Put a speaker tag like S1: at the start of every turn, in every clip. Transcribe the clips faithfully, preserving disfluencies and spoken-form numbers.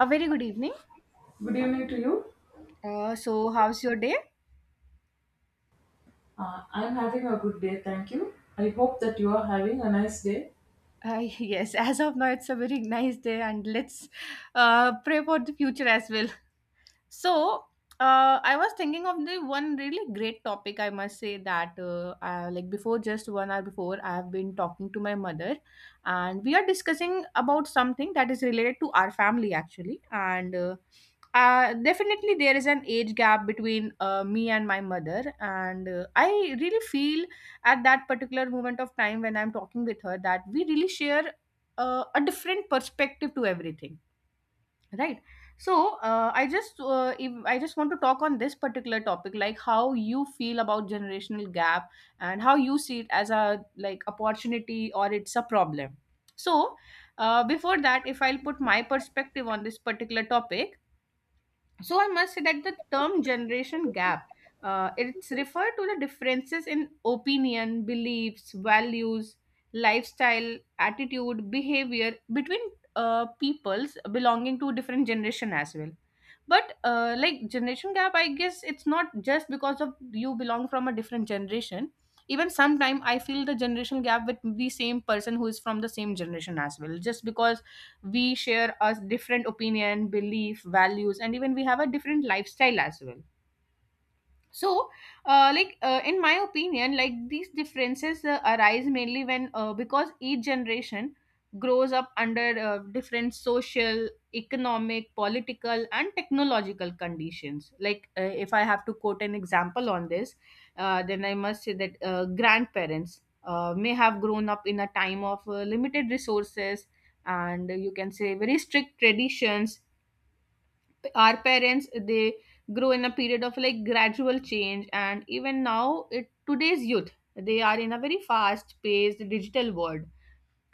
S1: A very good evening.
S2: Good evening to you.
S1: Uh, so, how's your day?
S2: Uh, I'm having a good day, thank you. I hope that you are having a nice day.
S1: Uh, yes, as of now, it's a very nice day, and let's uh, pray for the future as well. So uh, I was thinking of the one really great topic. I must say that uh, uh, like before, just one hour before, I have been talking to my mother, and we are discussing about something that is related to our family actually. And uh, uh, definitely, there is an age gap between uh, me and my mother, and uh, I really feel at that particular moment of time when I'm talking with her that we really share uh, a different perspective to everything, right. So uh, I just uh, if, I just want to talk on this particular topic, like how you feel about generational gap and how you see it as a, like, opportunity or it's a problem. So uh, before that, if I'll put my perspective on this particular topic, so I must say that the term generation gap, uh, it's referred to the differences in opinion, beliefs, values, lifestyle, attitude, behavior between uh, peoples belonging to different generation as well. But uh, like generation gap, I guess it's not just because of you belong from a different generation. Even sometime I feel the generation gap with the same person who is from the same generation as well, just because we share a different opinion, belief, values, and even we have a different lifestyle as well. So uh, like uh, in my opinion, like, these differences uh, arise mainly when, uh, because each generation grows up under uh, different social, economic, political and technological conditions. Like uh, if I have to quote an example on this, uh, then I must say that uh, grandparents uh, may have grown up in a time of uh, limited resources and you can say very strict traditions. Our parents, they grow in a period of, like, gradual change. And even now, it, today's youth, they are in a very fast paced digital world.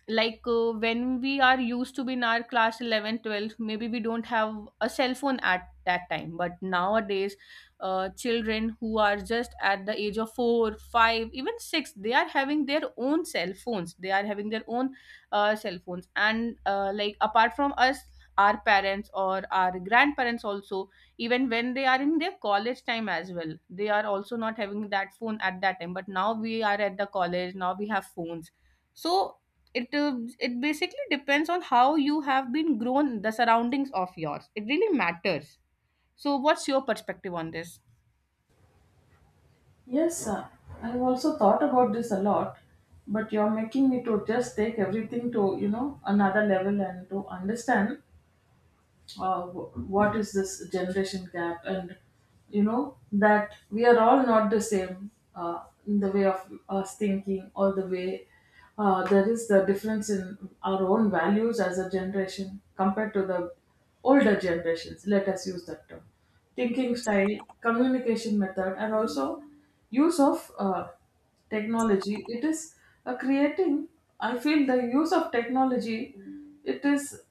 S1: Like uh, when we are used to be in our class eleven, twelve, maybe we don't have a cell phone at that time. But nowadays uh, children who are just at the age of 4 5 even six, they are having their own cell phones, they are having their own uh, cell phones. And uh, like, apart from us, our parents or our grandparents also, even when they are in their college time as well, they are also not having that phone at that time. But now we are at the college, now we have phones. So it uh, it basically depends on how you have been grown, the surroundings of yours, it really matters. So what's your perspective on this?
S2: Yes, uh, I've also thought about this a lot, but you're making me to just take everything to you know another level, and to understand uh, wh- what is this generation gap. And you know that we are all not the same uh, in the way of us thinking, or the way uh, there is the difference in our own values as a generation compared to the older generations, let us use that term. Thinking style, communication method, and also use of uh, technology. It is uh, creating, I feel, the use of technology, it is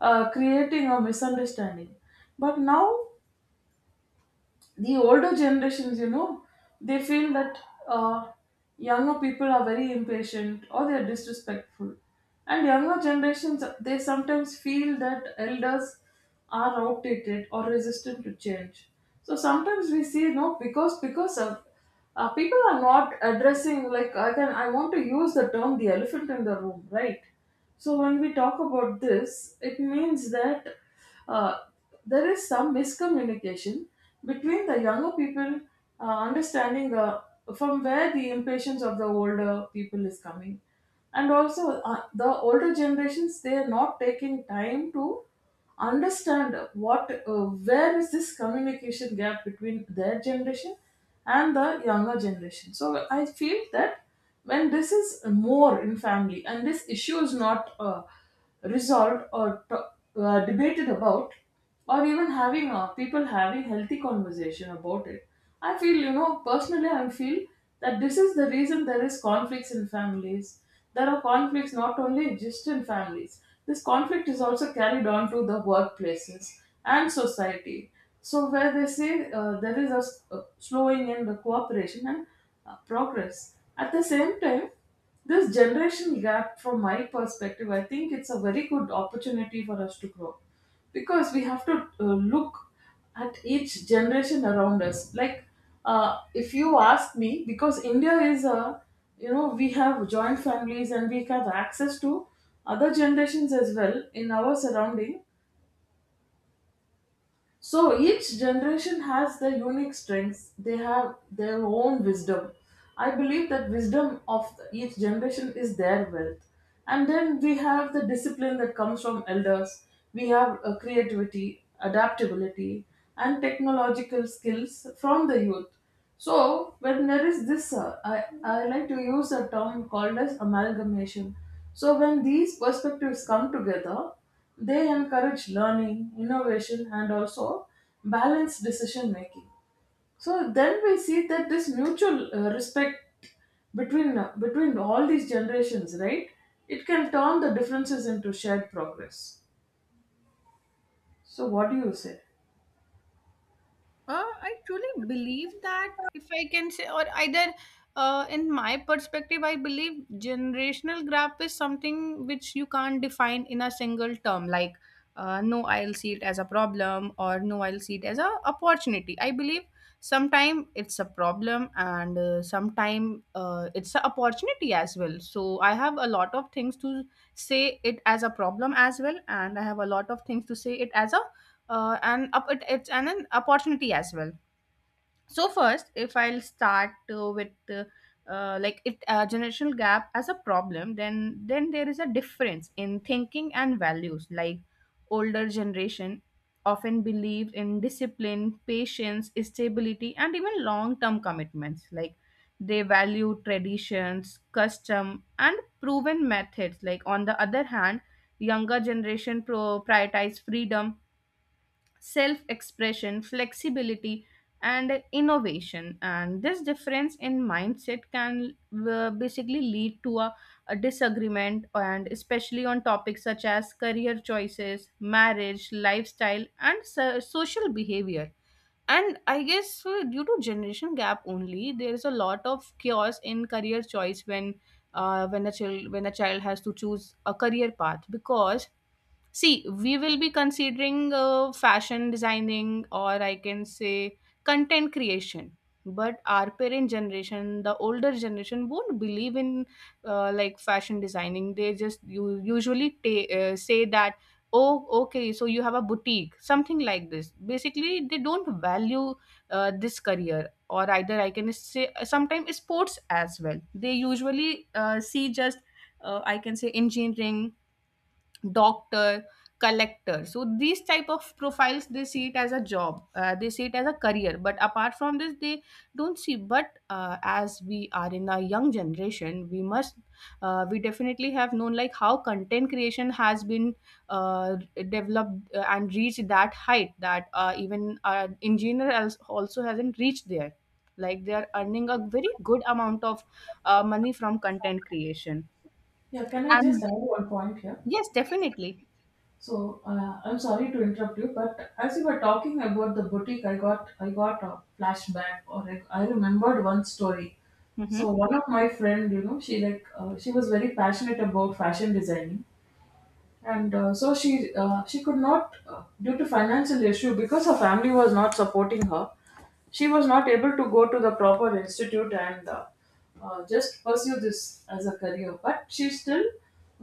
S2: uh, creating a misunderstanding. But now the older generations, you know, they feel that uh, younger people are very impatient, or they are disrespectful, and younger generations, they sometimes feel that elders are outdated or resistant to change. So sometimes we see, no, because because of uh, people are not addressing, like, I can I want to use the term, the elephant in the room, right? So when we talk about this, it means that uh, there is some miscommunication between the younger people uh, understanding uh, from where the impatience of the older people is coming, and also uh, the older generations, they are not taking time to understand what uh, where is this communication gap between their generation and the younger generation. So I feel that when this is more in family, and this issue is not uh, resolved, or t- uh, debated about, or even having uh, people having healthy conversation about it, i feel you know personally i feel that this is the reason there is conflicts in families. There are conflicts, not only just in families, this conflict is also carried on to the workplaces and society. So where they say, uh, there is a s- a slowing in the cooperation and uh, progress. At the same time, this generation gap, from my perspective, I think it's a very good opportunity for us to grow, because we have to uh, look at each generation around us. Like uh, if you ask me, because India is a, you know, we have joint families, and we have access to other generations as well in our surrounding. So each generation has their unique strengths. They have their own wisdom. I believe that wisdom of each generation is their wealth. And then we have the discipline that comes from elders. We have uh, creativity, adaptability, and technological skills from the youth. So when there is this, uh, I, I like to use a term called as amalgamation. So when these perspectives come together, they encourage learning, innovation, and also balanced decision making. So then we see that this mutual uh, respect between uh, between all these generations, right? It can turn the differences into shared progress. So what do you say?
S1: Uh, I truly believe that if I can say, or either, uh, in my perspective, I believe generational gap is something which you can't define in a single term. Like, uh, no, I'll see it as a problem, or no, I'll see it as a opportunity. I believe sometime it's a problem, and uh, sometime uh, it's an opportunity as well. So I have a lot of things to say it as a problem as well, and I have a lot of things to say it as a uh, and up it, it's an, an opportunity as well. So first, if I'll start, uh, with uh, uh, like it uh, generational gap as a problem, then then there is a difference in thinking and values. Like, older generation often believed in discipline, patience, stability and even long term commitments. Like, they value traditions, custom and proven methods. Like, on the other hand, younger generation pro- prioritize freedom, self expression, flexibility, and innovation. And this difference in mindset can uh, basically lead to a, a disagreement, and especially on topics such as career choices, marriage, lifestyle, and so- social behavior. And I guess uh, due to generation gap only, there is a lot of chaos in career choice when uh, when a child when a child has to choose a career path. Because, see, we will be considering uh, fashion designing, or I can say content creation. But our parent generation, the older generation, won't believe in, uh, like, fashion designing. They just, you usually ta- uh, say that, oh, okay, so you have a boutique, something like this. Basically, they don't value uh, this career, or either I can say sometimes sports as well. They usually uh, see just, uh, I can say, engineering, doctor, collector. So these type of profiles, they see it as a job, uh, they see it as a career. But apart from this, they don't see. But uh, as we are in a young generation, we must, uh, we definitely have known, like, how content creation has been uh, developed uh, and reached that height that uh, even uh, engineer als- also hasn't reached there, like, they are earning a very good amount of uh, money from content creation.
S2: Yeah, can I
S1: And
S2: just add one point here?
S1: yes, definitely.
S2: So uh, I'm sorry to interrupt you, but as you were talking about the boutique, I got I got a flashback, or I, I remembered one story.
S1: Hmm.
S2: So one of my friend, you know, she like uh, she was very passionate about fashion designing, and uh, so she uh, she could not, uh, due to financial issue, because her family was not supporting her, she was not able to go to the proper institute, and uh, uh, just pursue this as a career. But she still,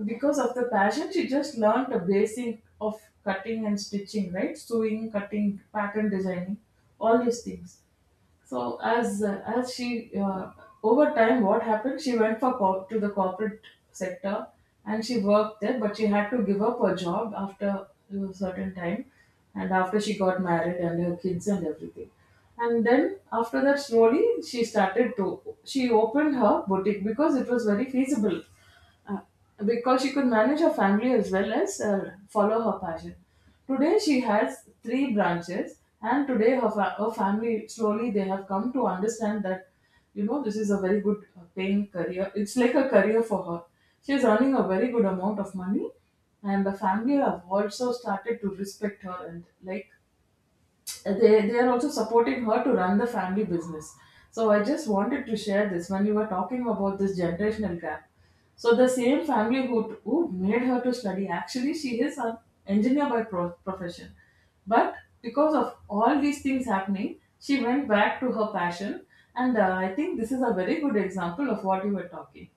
S2: because of the passion, she just learned the basic of cutting and stitching, right, sewing, cutting, pattern designing, all these things. So as uh, as she uh, over time, what happened? She went for corp to the corporate sector, and she worked there. But she had to give up her job after a certain time, and after she got married and her kids and everything. And then after that, slowly she started to she opened her boutique, because it was very feasible, uh, because she could manage her family as well as uh, follow her passion. Today she has three branches, and today her, fa- her family slowly they have come to understand that you know this is a very good uh, paying career. It's like a career for her. She is earning a very good amount of money, and the family have also started to respect her, and like they they are also supporting her to run the family business. So I just wanted to share this when you were talking about this generational gap. So the same family who who made her to study, actually, she is an engineer by pro- profession. But because of all these things happening, she went back to her passion, and uh, I think this is a very good example of what you were talking.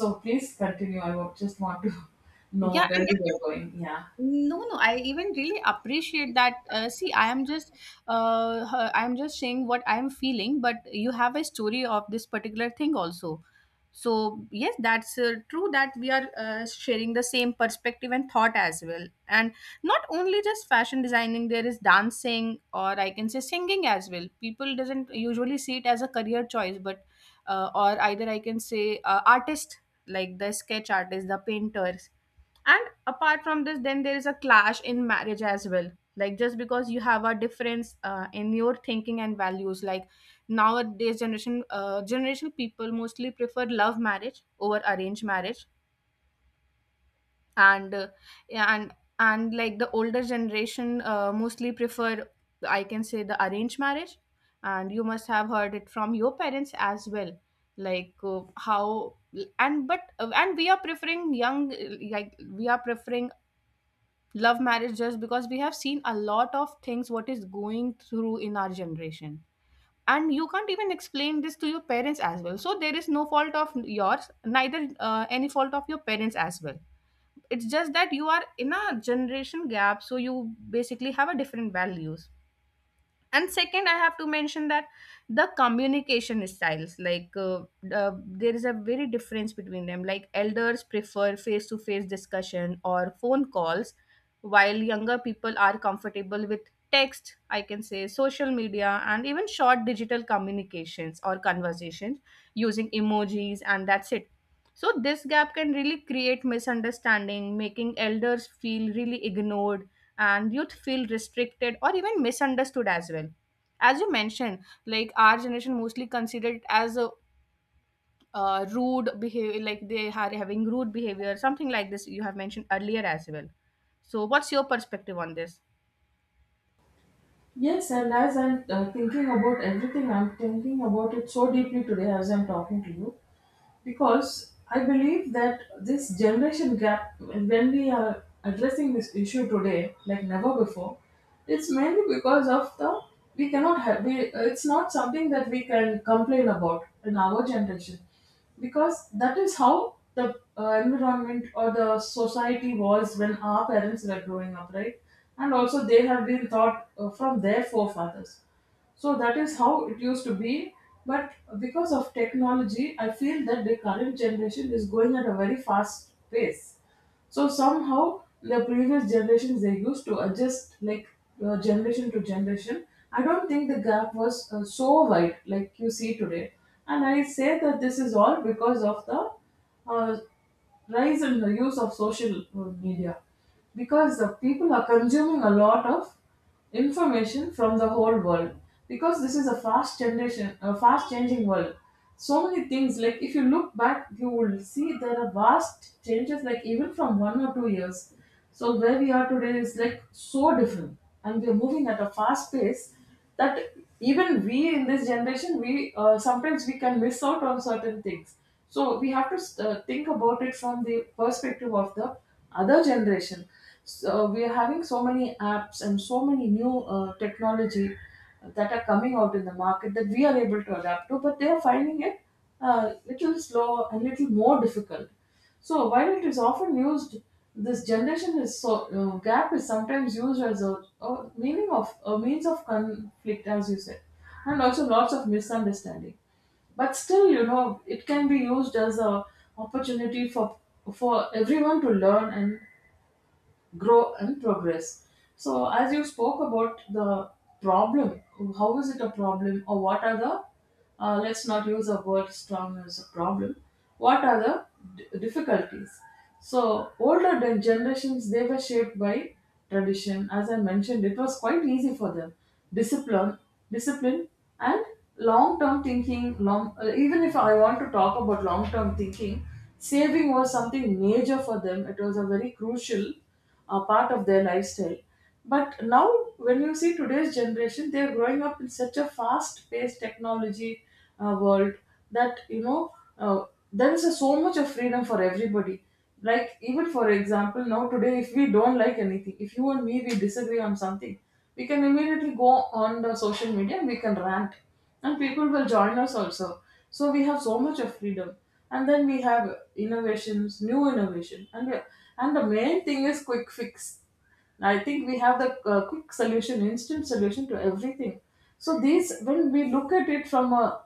S2: So please continue. I wa- just want to know
S1: Yeah,
S2: where you were going. Yeah.
S1: no, no, I even really appreciate that. Uh, see, I am just, uh, her- I am just saying what I am feeling, but you have a story of this particular thing also. So yes, that's uh, true that we are uh, sharing the same perspective and thought as well. And not only just fashion designing, there is dancing, or I can say singing as well. People doesn't usually see it as a career choice. But uh, or either I can say uh, artist, like the sketch artist, the painters. And apart from this, then there is a clash in marriage as well. Like, just because you have a difference uh, in your thinking and values. Like, nowadays generation uh, generational people mostly prefer love marriage over arranged marriage. And uh, yeah, and and like the older generation uh, mostly prefer, I can say, the arranged marriage. And you must have heard it from your parents as well, like, uh, how. And but uh, and we are preferring young like we are preferring love marriage, just because we have seen a lot of things what is going through in our generation. And you can't even explain this to your parents as well. So there is no fault of yours, neither uh, any fault of your parents as well. It's just that you are in a generation gap, so you basically have a different values. And second, I have to mention that the communication styles. Like, uh, uh, there is a very difference between them. Like, elders prefer face to face discussion or phone calls, while younger people are comfortable with text, I can say social media, and even short digital communications or conversations using emojis and that's it. So this gap can really create misunderstanding, making elders feel really ignored and youth feel restricted or even misunderstood as well. As you mentioned, like, our generation mostly considered it as a uh, rude behavior, like they are having rude behavior, something like this you have mentioned earlier as well. So what's your perspective on this?
S2: Yes, and as I'm uh, thinking about everything, I'm thinking about it so deeply today as I'm talking to you, because I believe that this generation gap, when we are addressing this issue today, like never before, it's mainly because of the, we cannot have, we, it's not something that we can complain about in our generation, because that is how the uh, environment or the society was when our parents were growing up, right? And also they have been taught uh, from their forefathers, so that is how it used to be. But because of technology, I feel that the current generation is going at a very fast pace. So somehow the previous generations they used to adjust, like uh, generation to generation. I don't think the gap was uh, so wide like you see today. And I say that this is all because of the uh, rise in the use of social uh, media, because the people are consuming a lot of information from the whole world, because this is a fast generation, a fast changing world. So many things, like if you look back you will see there are vast changes, like even from one or two years. So where we are today is like so different, and we are moving at a fast pace, that even we in this generation, we uh, sometimes we can miss out on certain things. So we have to uh, think about it from the perspective of the other generation. So we are having so many apps and so many new uh, technology that are coming out in the market that we are able to adapt to, but they are finding it a uh, little slow and little more difficult. So while it is often used, this generation is so uh, gap is sometimes used as a, a meaning of a means of conflict, as you said, and also lots of misunderstanding. But still, you know, it can be used as a opportunity for for everyone to learn and grow and progress. So, as you spoke about the problem, how is it a problem, or what are the uh, let's not use a word strong as a problem. What are the d- difficulties? So, older gen- generations they were shaped by tradition. As I mentioned, it was quite easy for them. Discipline, discipline, and long-term thinking. Long, uh, even if I want to talk about long-term thinking, saving was something major for them. It was a very crucial, a part of their lifestyle. But now, when you see today's generation, they are growing up in such a fast-paced technology uh, world, that you know uh, there is a, so much of freedom for everybody. Like, even for example, now today, if we don't like anything, if you and me we disagree on something, we can immediately go on the social media and we can rant, and people will join us also. So we have so much of freedom, and then we have innovations, new innovation, and we- and the main thing is quick fix. I think we have the uh, quick solution, instant solution to everything. So these, when we look at it from a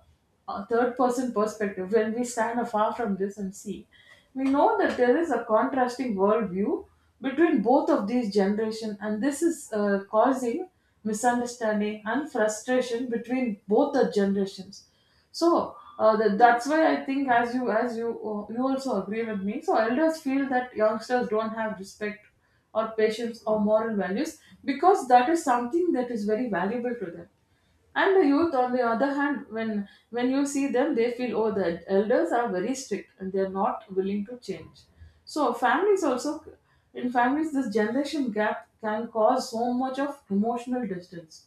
S2: a third person perspective, when we stand afar from this and see, we know that there is a contrasting worldview between both of these generations, and this is uh, causing misunderstanding and frustration between both the generations. So uh, that, that's why I think, as you as you uh, you also agree with me. So elders feel that youngsters don't have respect or patience or moral values, because that is something that is very valuable to them. And the youth, on the other hand, when when you see them, they feel, oh, the elders are very strict and they're not willing to change. So families also, in families this generation gap can cause so much of emotional distance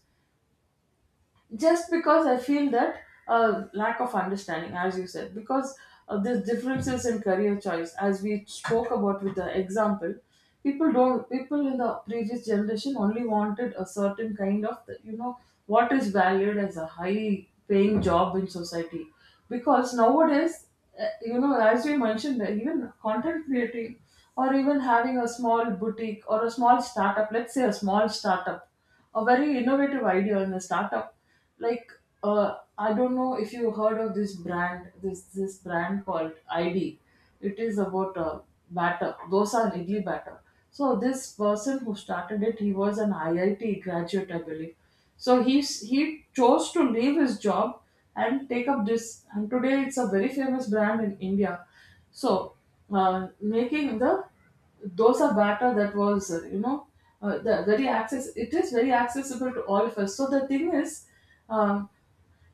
S2: just because I feel that uh, lack of understanding, as you said, because of these differences in career choice, as we spoke about with the example, people don't people in the previous generation only wanted a certain kind of you know what is valued as a high paying job in society, because nowadays uh, you know as we mentioned that even content creating or even having a small boutique or a small startup, let's say a small startup, a very innovative idea in a startup like uh, I don't know if you heard of this brand, this this brand called id. It is about uh, batter dosa and idli batter. So this person who started it, he was an IIT graduate, I believe. So he s- he chose to leave his job and take up this, and today it's a very famous brand in India. So, uh, making the dosa batter, that was uh, you know uh, the very access it is very accessible to all of us. So the thing is, um,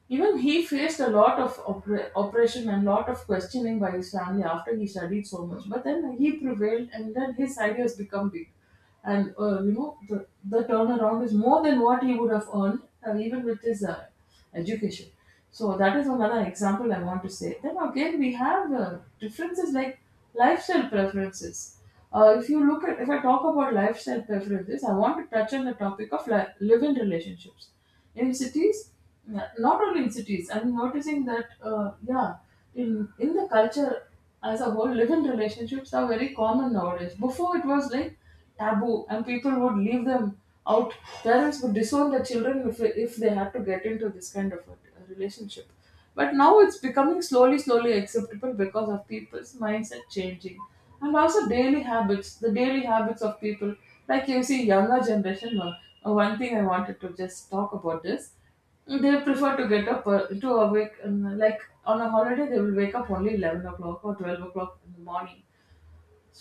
S2: even he faced a lot of oppre- oppression and lot of questioning by his family after he studied so much. But then he prevailed, and then his ideas become big. And uh, you know, the, the turnaround is more than what he would have earned uh, even with his uh, education. So that is another example I want to say. Then again, we have uh, differences like lifestyle preferences. Uh, if you look at, If I talk about lifestyle preferences, I want to touch on the topic of li- live-in relationships in cities. Yeah, not only in cities, I'm noticing that, uh, yeah, in in the culture as a whole, live-in relationships are very common nowadays. Before, it was like taboo and people would leave them out. Parents would disown their children if, if they had to get into this kind of a relationship, but now it's becoming slowly, slowly acceptable because of people's mindset changing. And also daily habits, the daily habits of people. Like you see, younger generation, uh, uh, one thing I wanted to just talk about is they prefer to get up, uh, to awake, um, like on a holiday, they will wake up only eleven o'clock or twelve o'clock in the morning,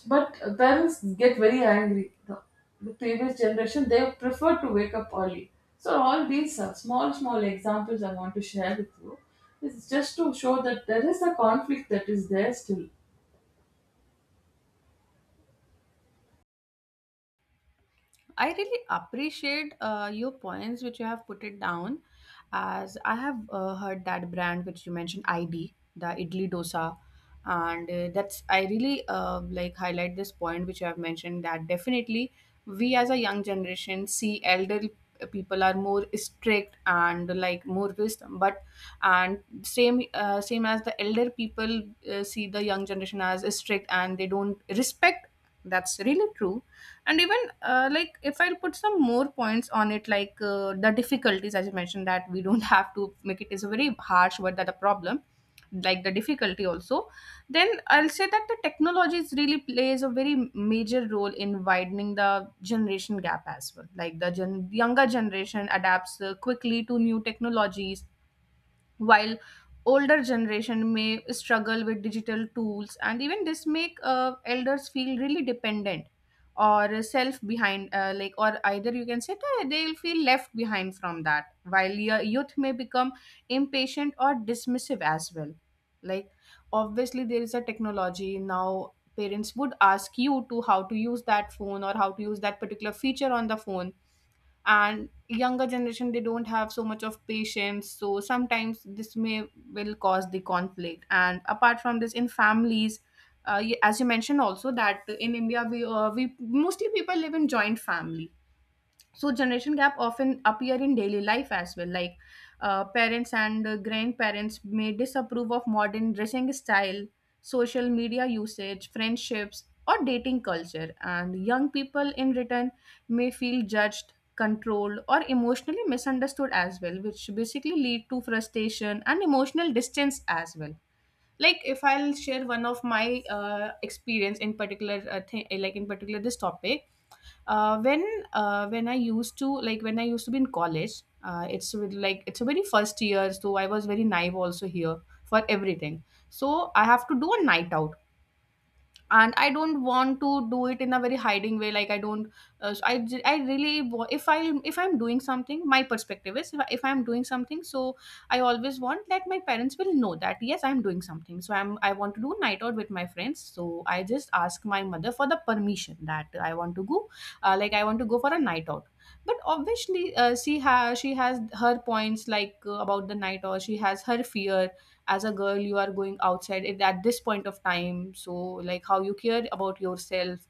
S2: but parents get very angry. The, the previous generation, they prefer to wake up early. So all these uh, small, small examples I want to share with you is just to show that there is a conflict that is there still.
S1: I really appreciate uh, your points which you have put it down, as I have uh, heard that brand which you mentioned, I D, the idli dosa. And uh, that's, I really uh, like, highlight this point which you have mentioned, that definitely we as a young generation see elder people are more strict and, like, more wisdom. But and same, uh, same as the elder people, uh, see the young generation as strict and they don't respect. That's really true. And even uh, like, if I'll put some more points on it, like, uh, the difficulties as you mentioned, that we don't have to make it, is a very harsh word that a problem, like the difficulty also. Then I'll say that the technologies really plays a very major role in widening the generation gap as well. Like, the gen- younger generation adapts uh, quickly to new technologies while older generation may struggle with digital tools, and even this make uh, elders feel really dependent, or self behind, uh, like, or either you can say that they'll feel left behind from that, while your youth may become impatient or dismissive as well. Like, obviously there is a technology now, parents would ask you to how to use that phone or how to use that particular feature on the phone, and younger generation they don't have so much of patience. So sometimes this may will cause the conflict. And apart from this in families, uh, y- as you mentioned also that in India we uh, we mostly people live in joint family. So generation gap often appear in daily life as well. Like, uh, parents and uh, grandparents may disapprove of modern dressing style, social media usage, friendships or dating culture, and young people in return may feel judged, controlled or emotionally misunderstood as well, which basically lead to frustration and emotional distance as well. Like If I'll share one of my uh, experience in particular, uh, th- like in particular this topic. uh, when uh, when I used to, like when I used to be in college, uh, it's with, like it's a very first year, so I was very naive also here for everything. So I have to do a night out, and I don't want to do it in a very hiding way, like I don't uh, so I, j- I really wa- If I if I'm doing something, my perspective is, if, I, if I'm doing something, so I always want that my parents will know that yes, I'm doing something. So i'm i want to do night out with my friends, so I just ask my mother for the permission that I want to go, uh, like I want to go for a night out. But obviously, uh, she has she has her points, like uh, about the night out she has her fear. As a girl, you are going outside at at this point of time, so like how you care about yourself,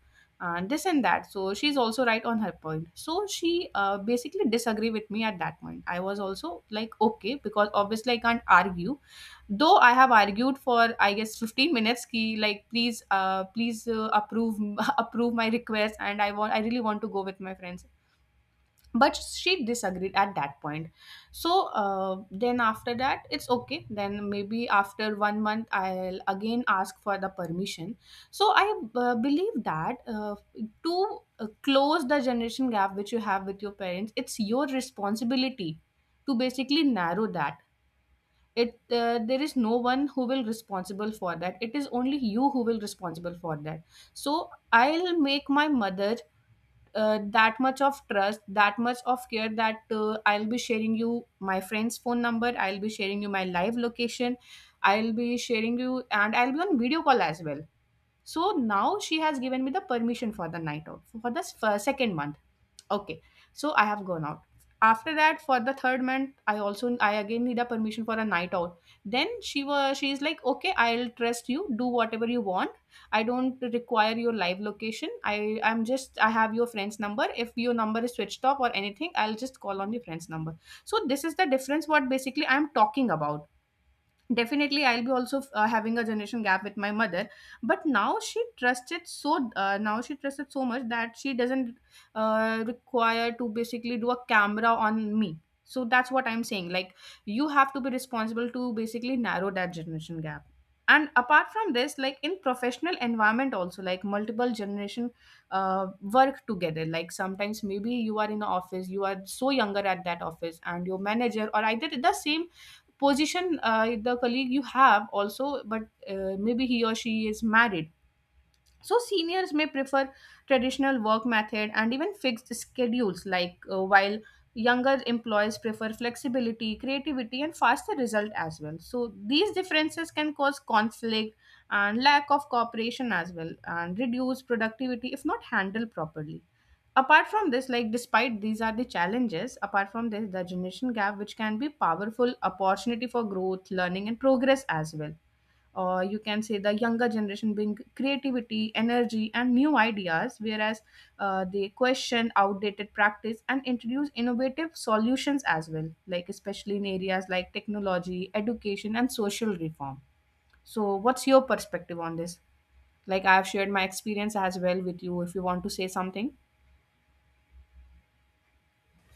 S1: and this and that. So she's also right on her point, so she uh, basically disagree with me. At that point, I was also like okay, because obviously I can't argue, though I have argued for I guess fifteen minutes ki, like please, uh, please, uh, approve approve my request, and i want i really want to go with my friends. But she disagreed at that point. So uh, then after that it's okay, then maybe after one month I'll again ask for the permission. So I uh, believe that uh, to uh, close the generation gap which you have with your parents, it's your responsibility to basically narrow that. It uh, There is no one who will responsible for that, it is only you who will responsible for that. So I'll make my mother uh, that much of trust, that much of care, that uh, I'll be sharing you my friend's phone number, I'll be sharing you my live location, I'll be sharing you, and I'll be on video call as well. So now she has given me the permission for the night out for the s- for second month. Okay, so I have gone out. After that, for the third month, I also I again need a permission for a night out. Then she was she is like, okay, I'll trust you. Do whatever you want. I don't require your live location. I I'm just I have your friend's number. If your number is switched off or anything, I'll just call on your friend's number. So this is the difference what basically I'm talking about. Definitely I'll be also uh, having a generation gap with my mother, but now she trusted so uh, now she trusted so much that she doesn't uh, require to basically do a camera on me. So that's what I'm saying, like you have to be responsible to basically narrow that generation gap. And apart from this, like in professional environment also, like multiple generation uh, work together. Like sometimes maybe you are in the office, you are so younger at that office, and your manager or either the same position, uh, the colleague you have also, but uh, maybe he or she is married. So seniors may prefer traditional work method and even fixed schedules, like uh, while younger employees prefer flexibility, creativity and faster result as well. So these differences can cause conflict and lack of cooperation as well, and reduce productivity if not handled properly. Apart from this, like despite these are the challenges, apart from this, the generation gap, which can be powerful opportunity for growth, learning, and progress as well. Or you can say the younger generation bring creativity, energy and new ideas, whereas uh, they question outdated practice and introduce innovative solutions as well, like especially in areas like technology, education and social reform. So what's your perspective on this? Like I've shared my experience as well with you, if you want to say something.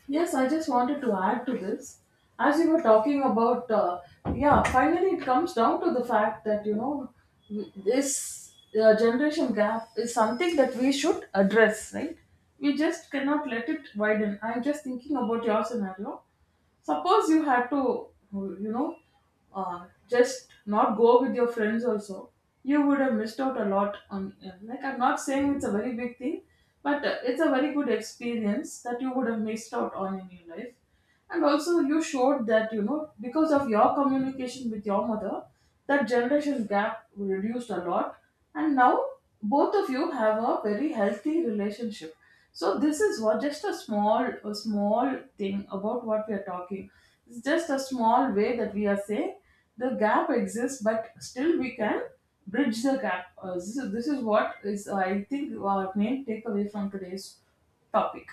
S2: Yes, I just wanted to add to this. As you were talking about, uh, yeah, finally it comes down to the fact that, you know, this uh, generation gap is something that we should address, right? We just cannot let it widen. I'm just thinking about your scenario. Suppose you had to, you know, uh, just not go with your friends also, you would have missed out a lot on, like, I'm not saying it's a very big thing, but uh, it's a very good experience that you would have missed out on in your life. And also you showed that, you know, because of your communication with your mother, that generation gap reduced a lot, and now both of you have a very healthy relationship. So this is what, just a small, a small thing about what we are talking. It's just a small way that we are saying the gap exists, but still we can bridge the gap. Uh, this, is, this is what is, I think, our main takeaway from today's topic.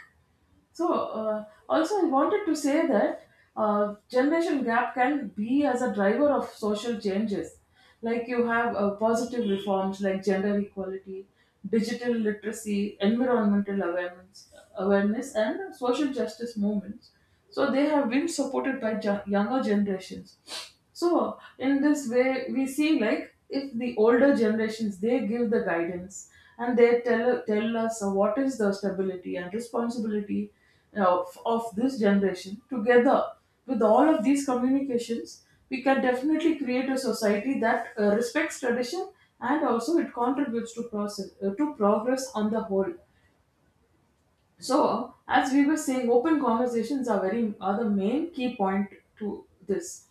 S2: So, uh, also, I wanted to say that uh, generation gap can be as a driver of social changes. Like you have uh, positive reforms like gender equality, digital literacy, environmental awareness, awareness, and social justice movements. So they have been supported by ju- younger generations. So in this way, we see like if the older generations, they give the guidance and they tell tell us uh, what is the stability and responsibility of, of this generation. Together with all of these communications, we can definitely create a society that uh, respects tradition, and also it contributes to process uh, to progress on the whole. So as we were saying, open conversations are very are the main key point to this.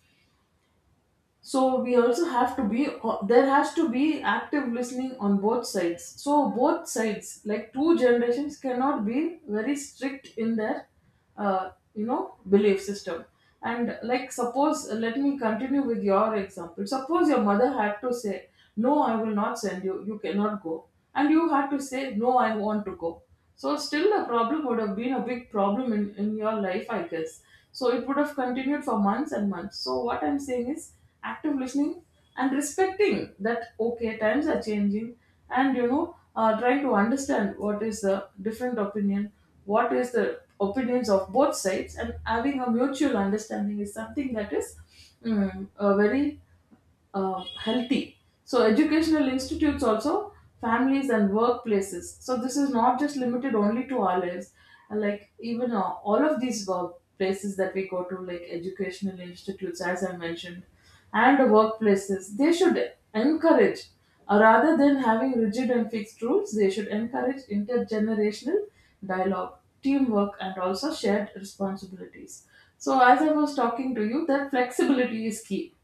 S2: So we also have to be, uh, there has to be active listening on both sides. So both sides like two generations cannot be very strict in their uh, you know belief system. And like, suppose, uh, let me continue with your example. Suppose your mother had to say, no, I will not send you, you cannot go, and you had to say, no, I want to go. So still the problem would have been a big problem in, in your life, I guess. So it would have continued for months and months. So what I'm saying is active listening and respecting that, okay, times are changing, and you know, uh, trying to understand what is the different opinion, what is the opinions of both sides, and having a mutual understanding is something that is mm, uh, very uh, healthy. So educational institutes also, families and workplaces. So this is not just limited only to our lives. And like even, uh, all of these work places that we go to, like educational institutes, as I mentioned, and the workplaces, they should encourage, uh, rather than having rigid and fixed rules, they should encourage intergenerational dialogue, teamwork, and also shared responsibilities. So as I was talking to you, that flexibility is key.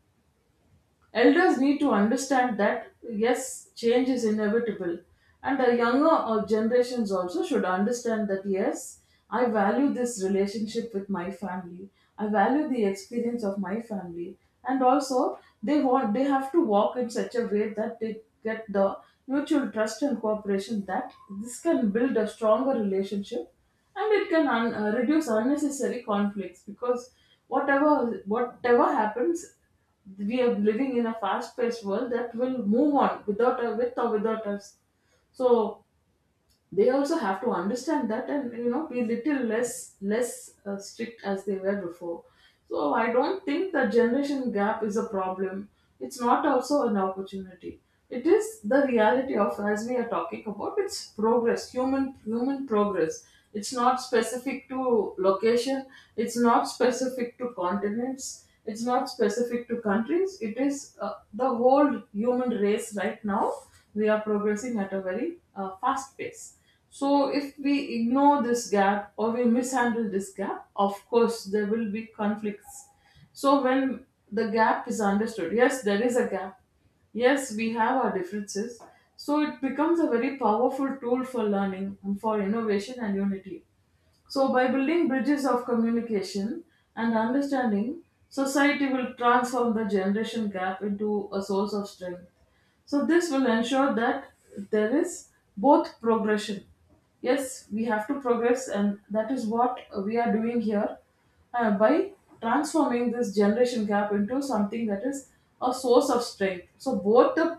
S2: Elders need to understand that yes, change is inevitable, and the younger uh, generations also should understand that yes, I value this relationship with my family. I value the experience of my family, and also they want they have to walk in such a way that they get the mutual trust and cooperation that this can build a stronger relationship, and it can un- uh, reduce unnecessary conflicts, because whatever whatever happens, we are living in a fast-paced world that will move on without a, with or without us. So they also have to understand that, and you know, be little less less uh, strict as they were before. So I don't think the generation gap is a problem. It's not also an opportunity. It is the reality of as we are talking about. It's progress, human human progress. It's not specific to location. It's not specific to continents. It's not specific to countries. It is uh, the whole human race. Right now we are progressing at a very uh, fast pace. So if we ignore this gap or we mishandle this gap, of course there will be conflicts. So when the gap is understood, yes there is a gap, yes we have our differences, so it becomes a very powerful tool for learning and for innovation and unity. So, by building bridges of communication and understanding, society will transform the generation gap into a source of strength. So, this will ensure that there is both progression. Yes, we have to progress, and that is what we are doing here, uh, by transforming this generation gap into something that is a source of strength. So both the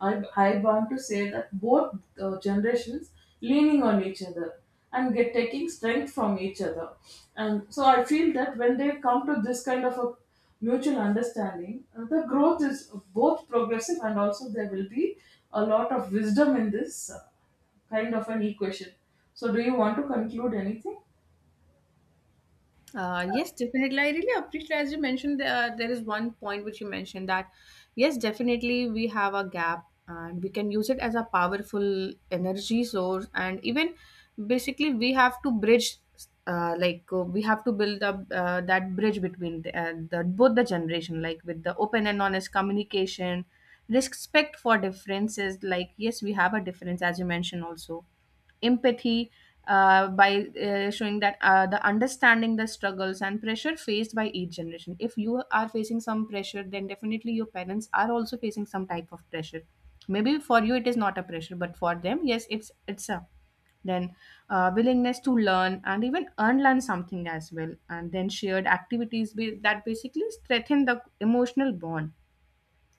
S2: I, I want to say that both uh, generations leaning on each other and get taking strength from each other. And so I feel that when they come to this kind of a mutual understanding, uh, the growth is both progressive, and also there will be a lot of wisdom in this uh, kind of an equation. So do you want to conclude anything?
S1: Uh, yes, definitely. I really appreciate, as you mentioned, uh, there is one point which you mentioned that yes, definitely we have a gap and we can use it as a powerful energy source. And even basically, we have to bridge, uh, like, uh, we have to build up uh, that bridge between the, uh, the both the generation, like with the open and honest communication, respect for differences. Like yes, we have a difference, as you mentioned, also empathy, uh, by uh, showing that uh, the understanding the struggles and pressure faced by each generation. If you are facing some pressure, then definitely your parents are also facing some type of pressure. Maybe for you it is not a pressure, but for them yes, it's it's a then uh, willingness to learn and even unlearn something as well, and then shared activities be, that basically strengthen the emotional bond.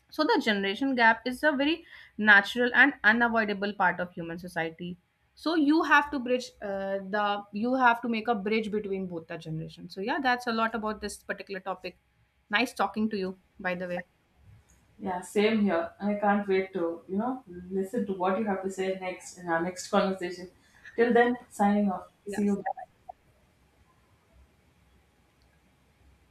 S1: So the generation gap is a very natural and unavoidable part of human society. So you have to bridge uh, the you have to make a bridge between both the generations. So yeah, that's a lot about this particular topic. Nice talking to you, by the way.
S2: Yeah, same here. I can't wait to, you know, listen to what you have to say next in our next conversation. Till then, signing off. See
S1: Yes.
S2: you.